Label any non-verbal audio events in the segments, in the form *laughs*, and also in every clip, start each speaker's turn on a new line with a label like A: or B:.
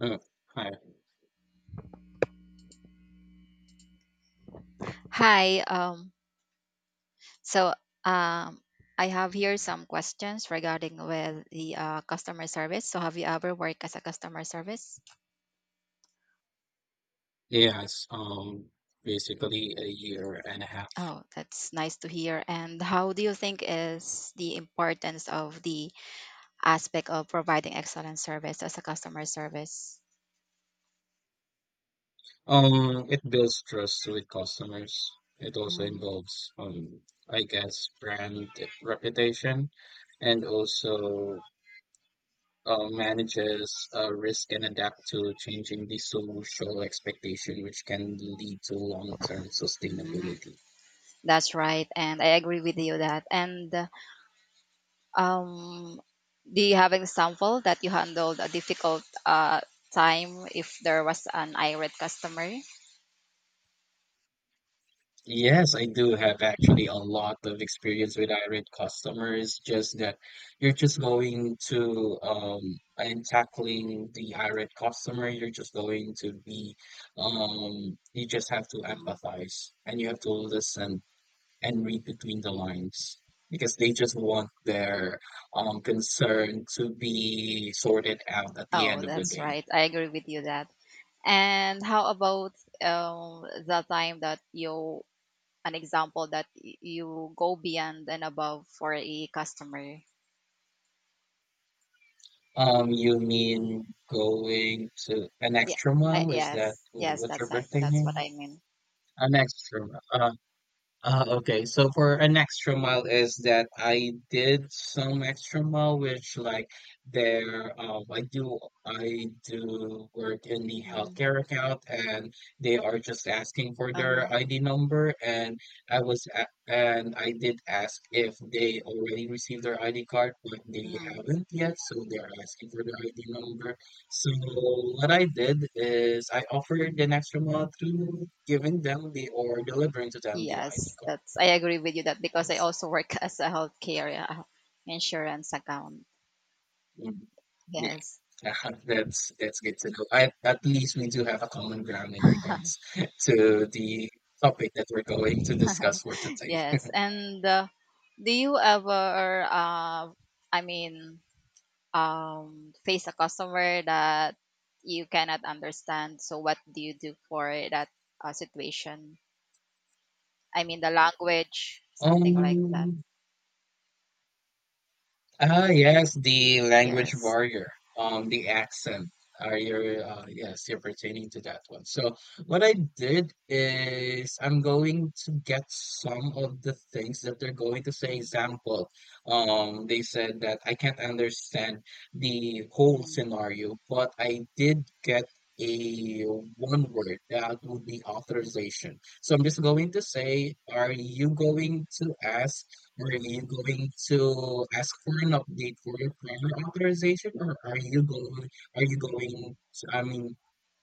A: Uh, Hi.
B: Hi. So um, I have here some questions regarding with the customer service. So have you ever worked as a customer service?
A: Yes um basically a year and a half.
B: Oh, that's nice to hear. And how do you think is the importance of the aspect of providing excellent service as a customer service?
A: It builds trust with customers. It also
B: Mm,
A: involves, I guess, brand reputation, and also manages risk and adapt to changing the social expectation, which can lead to long-term
B: mm,
A: sustainability.
B: that's right, and I agree with you that. And um, do you have an example that you handled a difficult time if there was an irate customer?
A: Yes, I do have actually a lot of experience with irate customers. Just that you're just going to, and tackling the irate customer, you're just going to be, you just have to
B: Mhm.
A: empathize and you have to listen and read between the lines because they just want their concern to be sorted out at the
B: Oh,
A: end of the
B: that's
A: day.
B: right. I agree with you that. And how about the time that you, an example that you go beyond and above for a customer?
A: You mean going to an
B: Yeah.
A: extra mile? Is that
B: Yes. Yes.
A: what's your birthday
B: That's what
A: name?
B: I mean.
A: An extra mile. Okay, so for an extra mile is that I did some extra mile, which, like, there, I do work in the
B: Mm,
A: healthcare account, and they are just asking for
B: uh-huh.
A: their ID number, and I was a and I did ask if they already received their ID card, but they
B: Mm.
A: haven't yet, so they're asking for their ID number. So what I did is I offered an extra mile to giving them the or delivering to them the ID
B: Yes. That's. I agree with you that because I
A: cards.
B: also work *laughs* as a healthcare insurance account.
A: Mm.
B: Yes. *laughs*
A: Yeah, *laughs* that's good to know. At least we do have a common ground in regards *laughs* to the topic that we're going to discuss for today.
B: Yes.
A: *laughs*
B: And Do you ever, I mean. Face a customer that you cannot understand. So what do you do for that situation? I mean, the language, something like that.
A: Um, yes, the language
B: Yes.
A: barrier, the accent. Yes, you're pertaining to that one. So what I did is I'm going to get some of the things that they're going to say.
B: Mm,
A: Example, they said that I can't understand the whole
B: mm,
A: scenario, but I did get a one word that would be
B: mm,
A: authorization. So I'm just going to say, are you going to ask for an update for your prior authorization, or are you going to, I mean,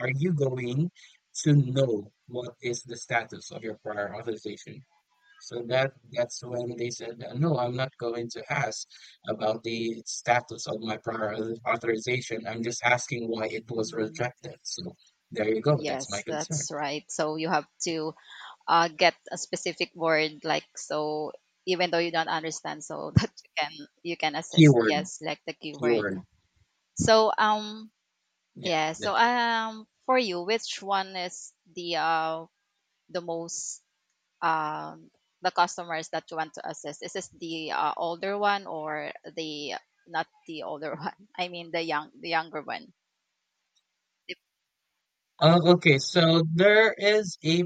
A: are you going to know what is the status of your prior authorization? So that's when they said that, "No, I'm not going to ask about the status of my prior authorization. I'm just asking why it was
B: mm.
A: rejected." So there you go. That's my
B: Yes,
A: concern.
B: that's right. So you have to get a specific word, like so, even though you don't understand, so *laughs* that you can assist.
A: Keyword,
B: Yes, like the keyword.
A: keyword.
B: So yeah.
A: Yes,
B: So
A: that's it.
B: for you, which one is the most um, the customers that you want to assist? Is this the older one or the not the older *laughs* one? I mean the younger one. If-
A: Okay, so there is a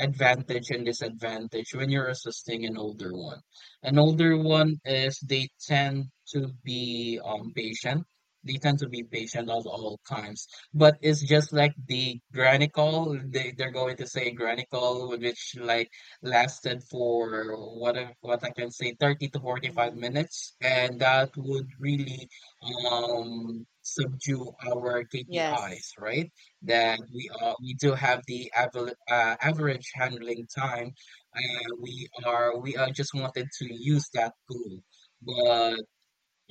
A: advantage and disadvantage when you're assisting an older one. An older one is they tend to be patient. They tend to be patient at all times. But it's just like the granny call. They're going to say granny call, which, like, lasted for what what I can say thirty to forty five
B: Mhm.
A: minutes, and that would really subdue our KPIs,
B: Yes,
A: right? That we do have the average, average handling time, and we are just wanted to use that tool, but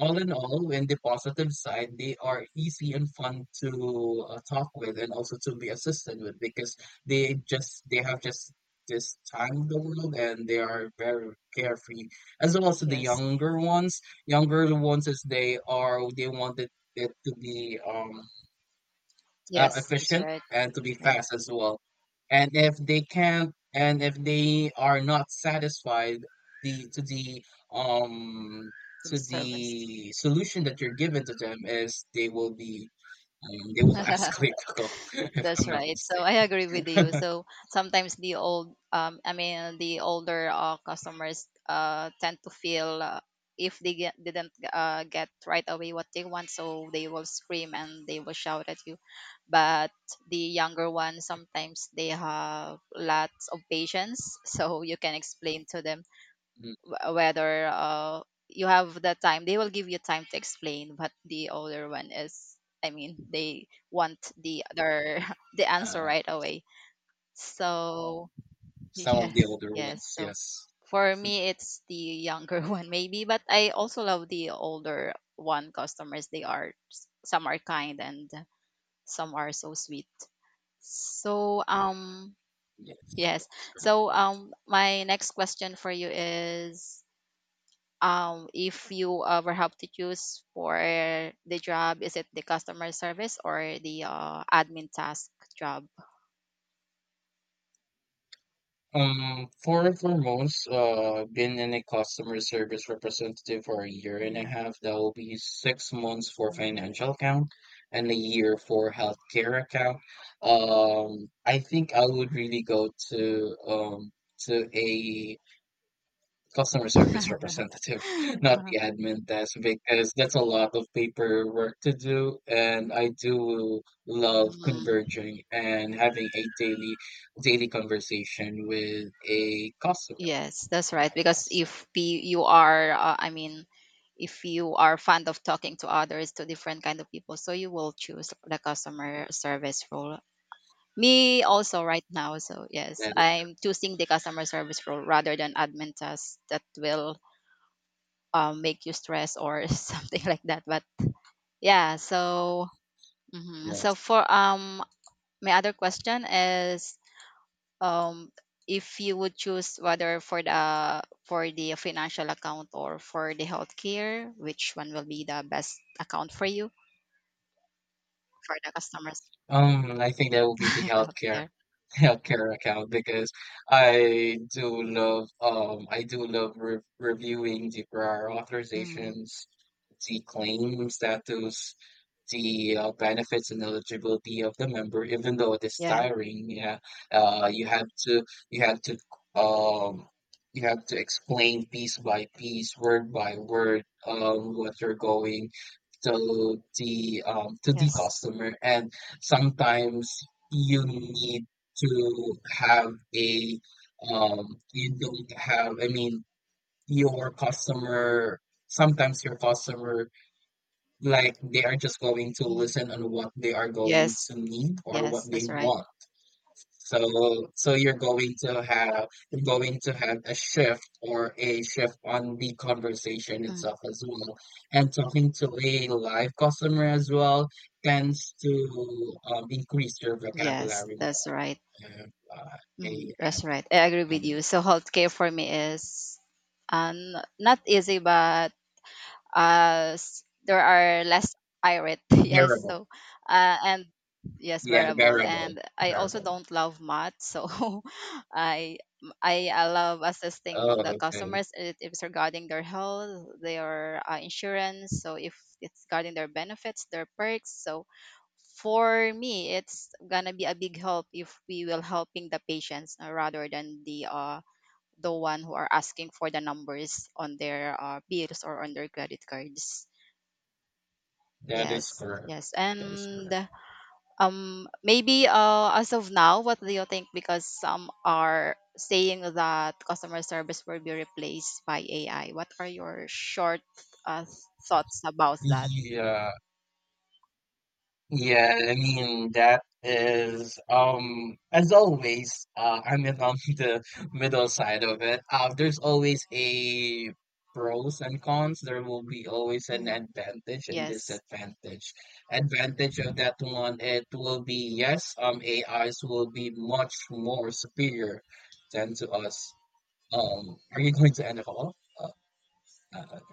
A: all in all, in the positive side, they are easy and fun to talk with, and also to be assisted with because they have just this time of the world, and they are very carefree, as well as the
B: yes,
A: younger ones, as they wanted it to be
B: yes. That's
A: efficient
B: right.
A: and to be
B: Yeah,
A: fast as well. And if they can't, and if they are not satisfied the to the um
B: to the
A: to
B: service.
A: the solution that you're given to them, is they will be, they will *laughs*
B: *laughs*
A: escalate the call *laughs* if
B: That's
A: I'm not
B: right. So I agree with you.
A: mistaken. *laughs*
B: So sometimes the older customers tend to feel if they didn't get right away what they want, so they will scream and they will shout at you. But the younger ones, sometimes they have lots of patience, *laughs* so you can explain to them
A: Mm,
B: whether you have the time, they will give you time to explain, but the older one is, they want the other *laughs* the answer
A: uh,
B: right away, so *laughs*
A: some of the
B: yes,
A: older
B: yes
A: ones,
B: so
A: yes,
B: For me it's the younger *laughs* one maybe, but I also love the older one customers. They are some are kind, and some are so sweet. so um
A: yes,
B: yes
A: that's.
B: so um my next question for you is, if you ever have to choose for the job, is it the customer service or the admin task job?
A: For foremost, been in a customer service representative for a year and a
B: Mm.
A: half. That will be 6 months for
B: Mm. *laughs*
A: financial account and a year for healthcare account. I think I would really go to a customer service representative, *laughs* not the admin desk, because that's a lot of paperwork to do. And I do love
B: Mm.
A: converging and having a daily conversation with a customer,
B: Yes, that's
A: a
B: right.
A: live
B: Because
A: customer.
B: if you are, if you are fond of talking to others, to different kind of people, so you will choose the customer service role. Me also right now. So yes,
A: That is
B: I'm choosing the customer service role rather than admin task that will make you stress or *laughs* something like that. But yeah, so mhm. so
A: goodness.
B: for my other question is, um if you would choose whether for the financial account or for the healthcare, which one will be the best account for you for the customers?
A: I think that will be the
B: *laughs*
A: healthcare
B: Healthcare?
A: *laughs* healthcare account because I do love reviewing the prior
B: Mm,
A: authorizations, the claim status, the benefits and eligibility of the member, even though it is
B: yeah.
A: tiring. Yeah, uh, you have to you have to um you have to explain piece by piece, word by word, what you're going to the
B: Yes.
A: customer, and sometimes you need to have a you don't have. I mean, your customer sometimes your customer, like, they are just going to
B: Mm,
A: listen on what they are going
B: yes.
A: to need or
B: Yes.
A: what they
B: That's right.
A: want. So you're going to have a shift, or a shift on the conversation
B: Mm,
A: itself as well. And talking to a live customer as well tends to, increase your
B: yes.
A: vocabulary
B: That's right.
A: more. If,
B: Mm,
A: they
B: that's right. I agree with
A: added
B: you.
A: it.
B: So healthcare for me is um, not easy, but there are less irate. *laughs* Yes.
A: Variable.
B: So and yes,
A: Yeah,
B: variable.
A: variable.
B: And I also
A: Variable.
B: don't love math, so *laughs* I I I love assisting on
A: Oh,
B: the
A: okay.
B: customers. It is regarding their health, their insurance. So if it's regarding their benefits, their perks. So for me it's gonna be a big help if we will helping the patients rather than the one who are asking for the numbers on their bills or on their credit cards.
A: That is
B: Yes,
A: correct.
B: yes.
A: That is
B: And
A: correct.
B: maybe as of now, what do you think, because some are saying that customer service will be replaced by AI? What are your short uh, thoughts about that?
A: Yeah. Yeah, I mean that is, as always, I'm in on *laughs* the middle side of it. There's always a pros and cons. There will be always an
B: Mm,
A: advantage and
B: yes.
A: disadvantage. Advantage of that one, it will be, yes, AIs will be much more superior than to us. Are you going to NFL? Uh, okay.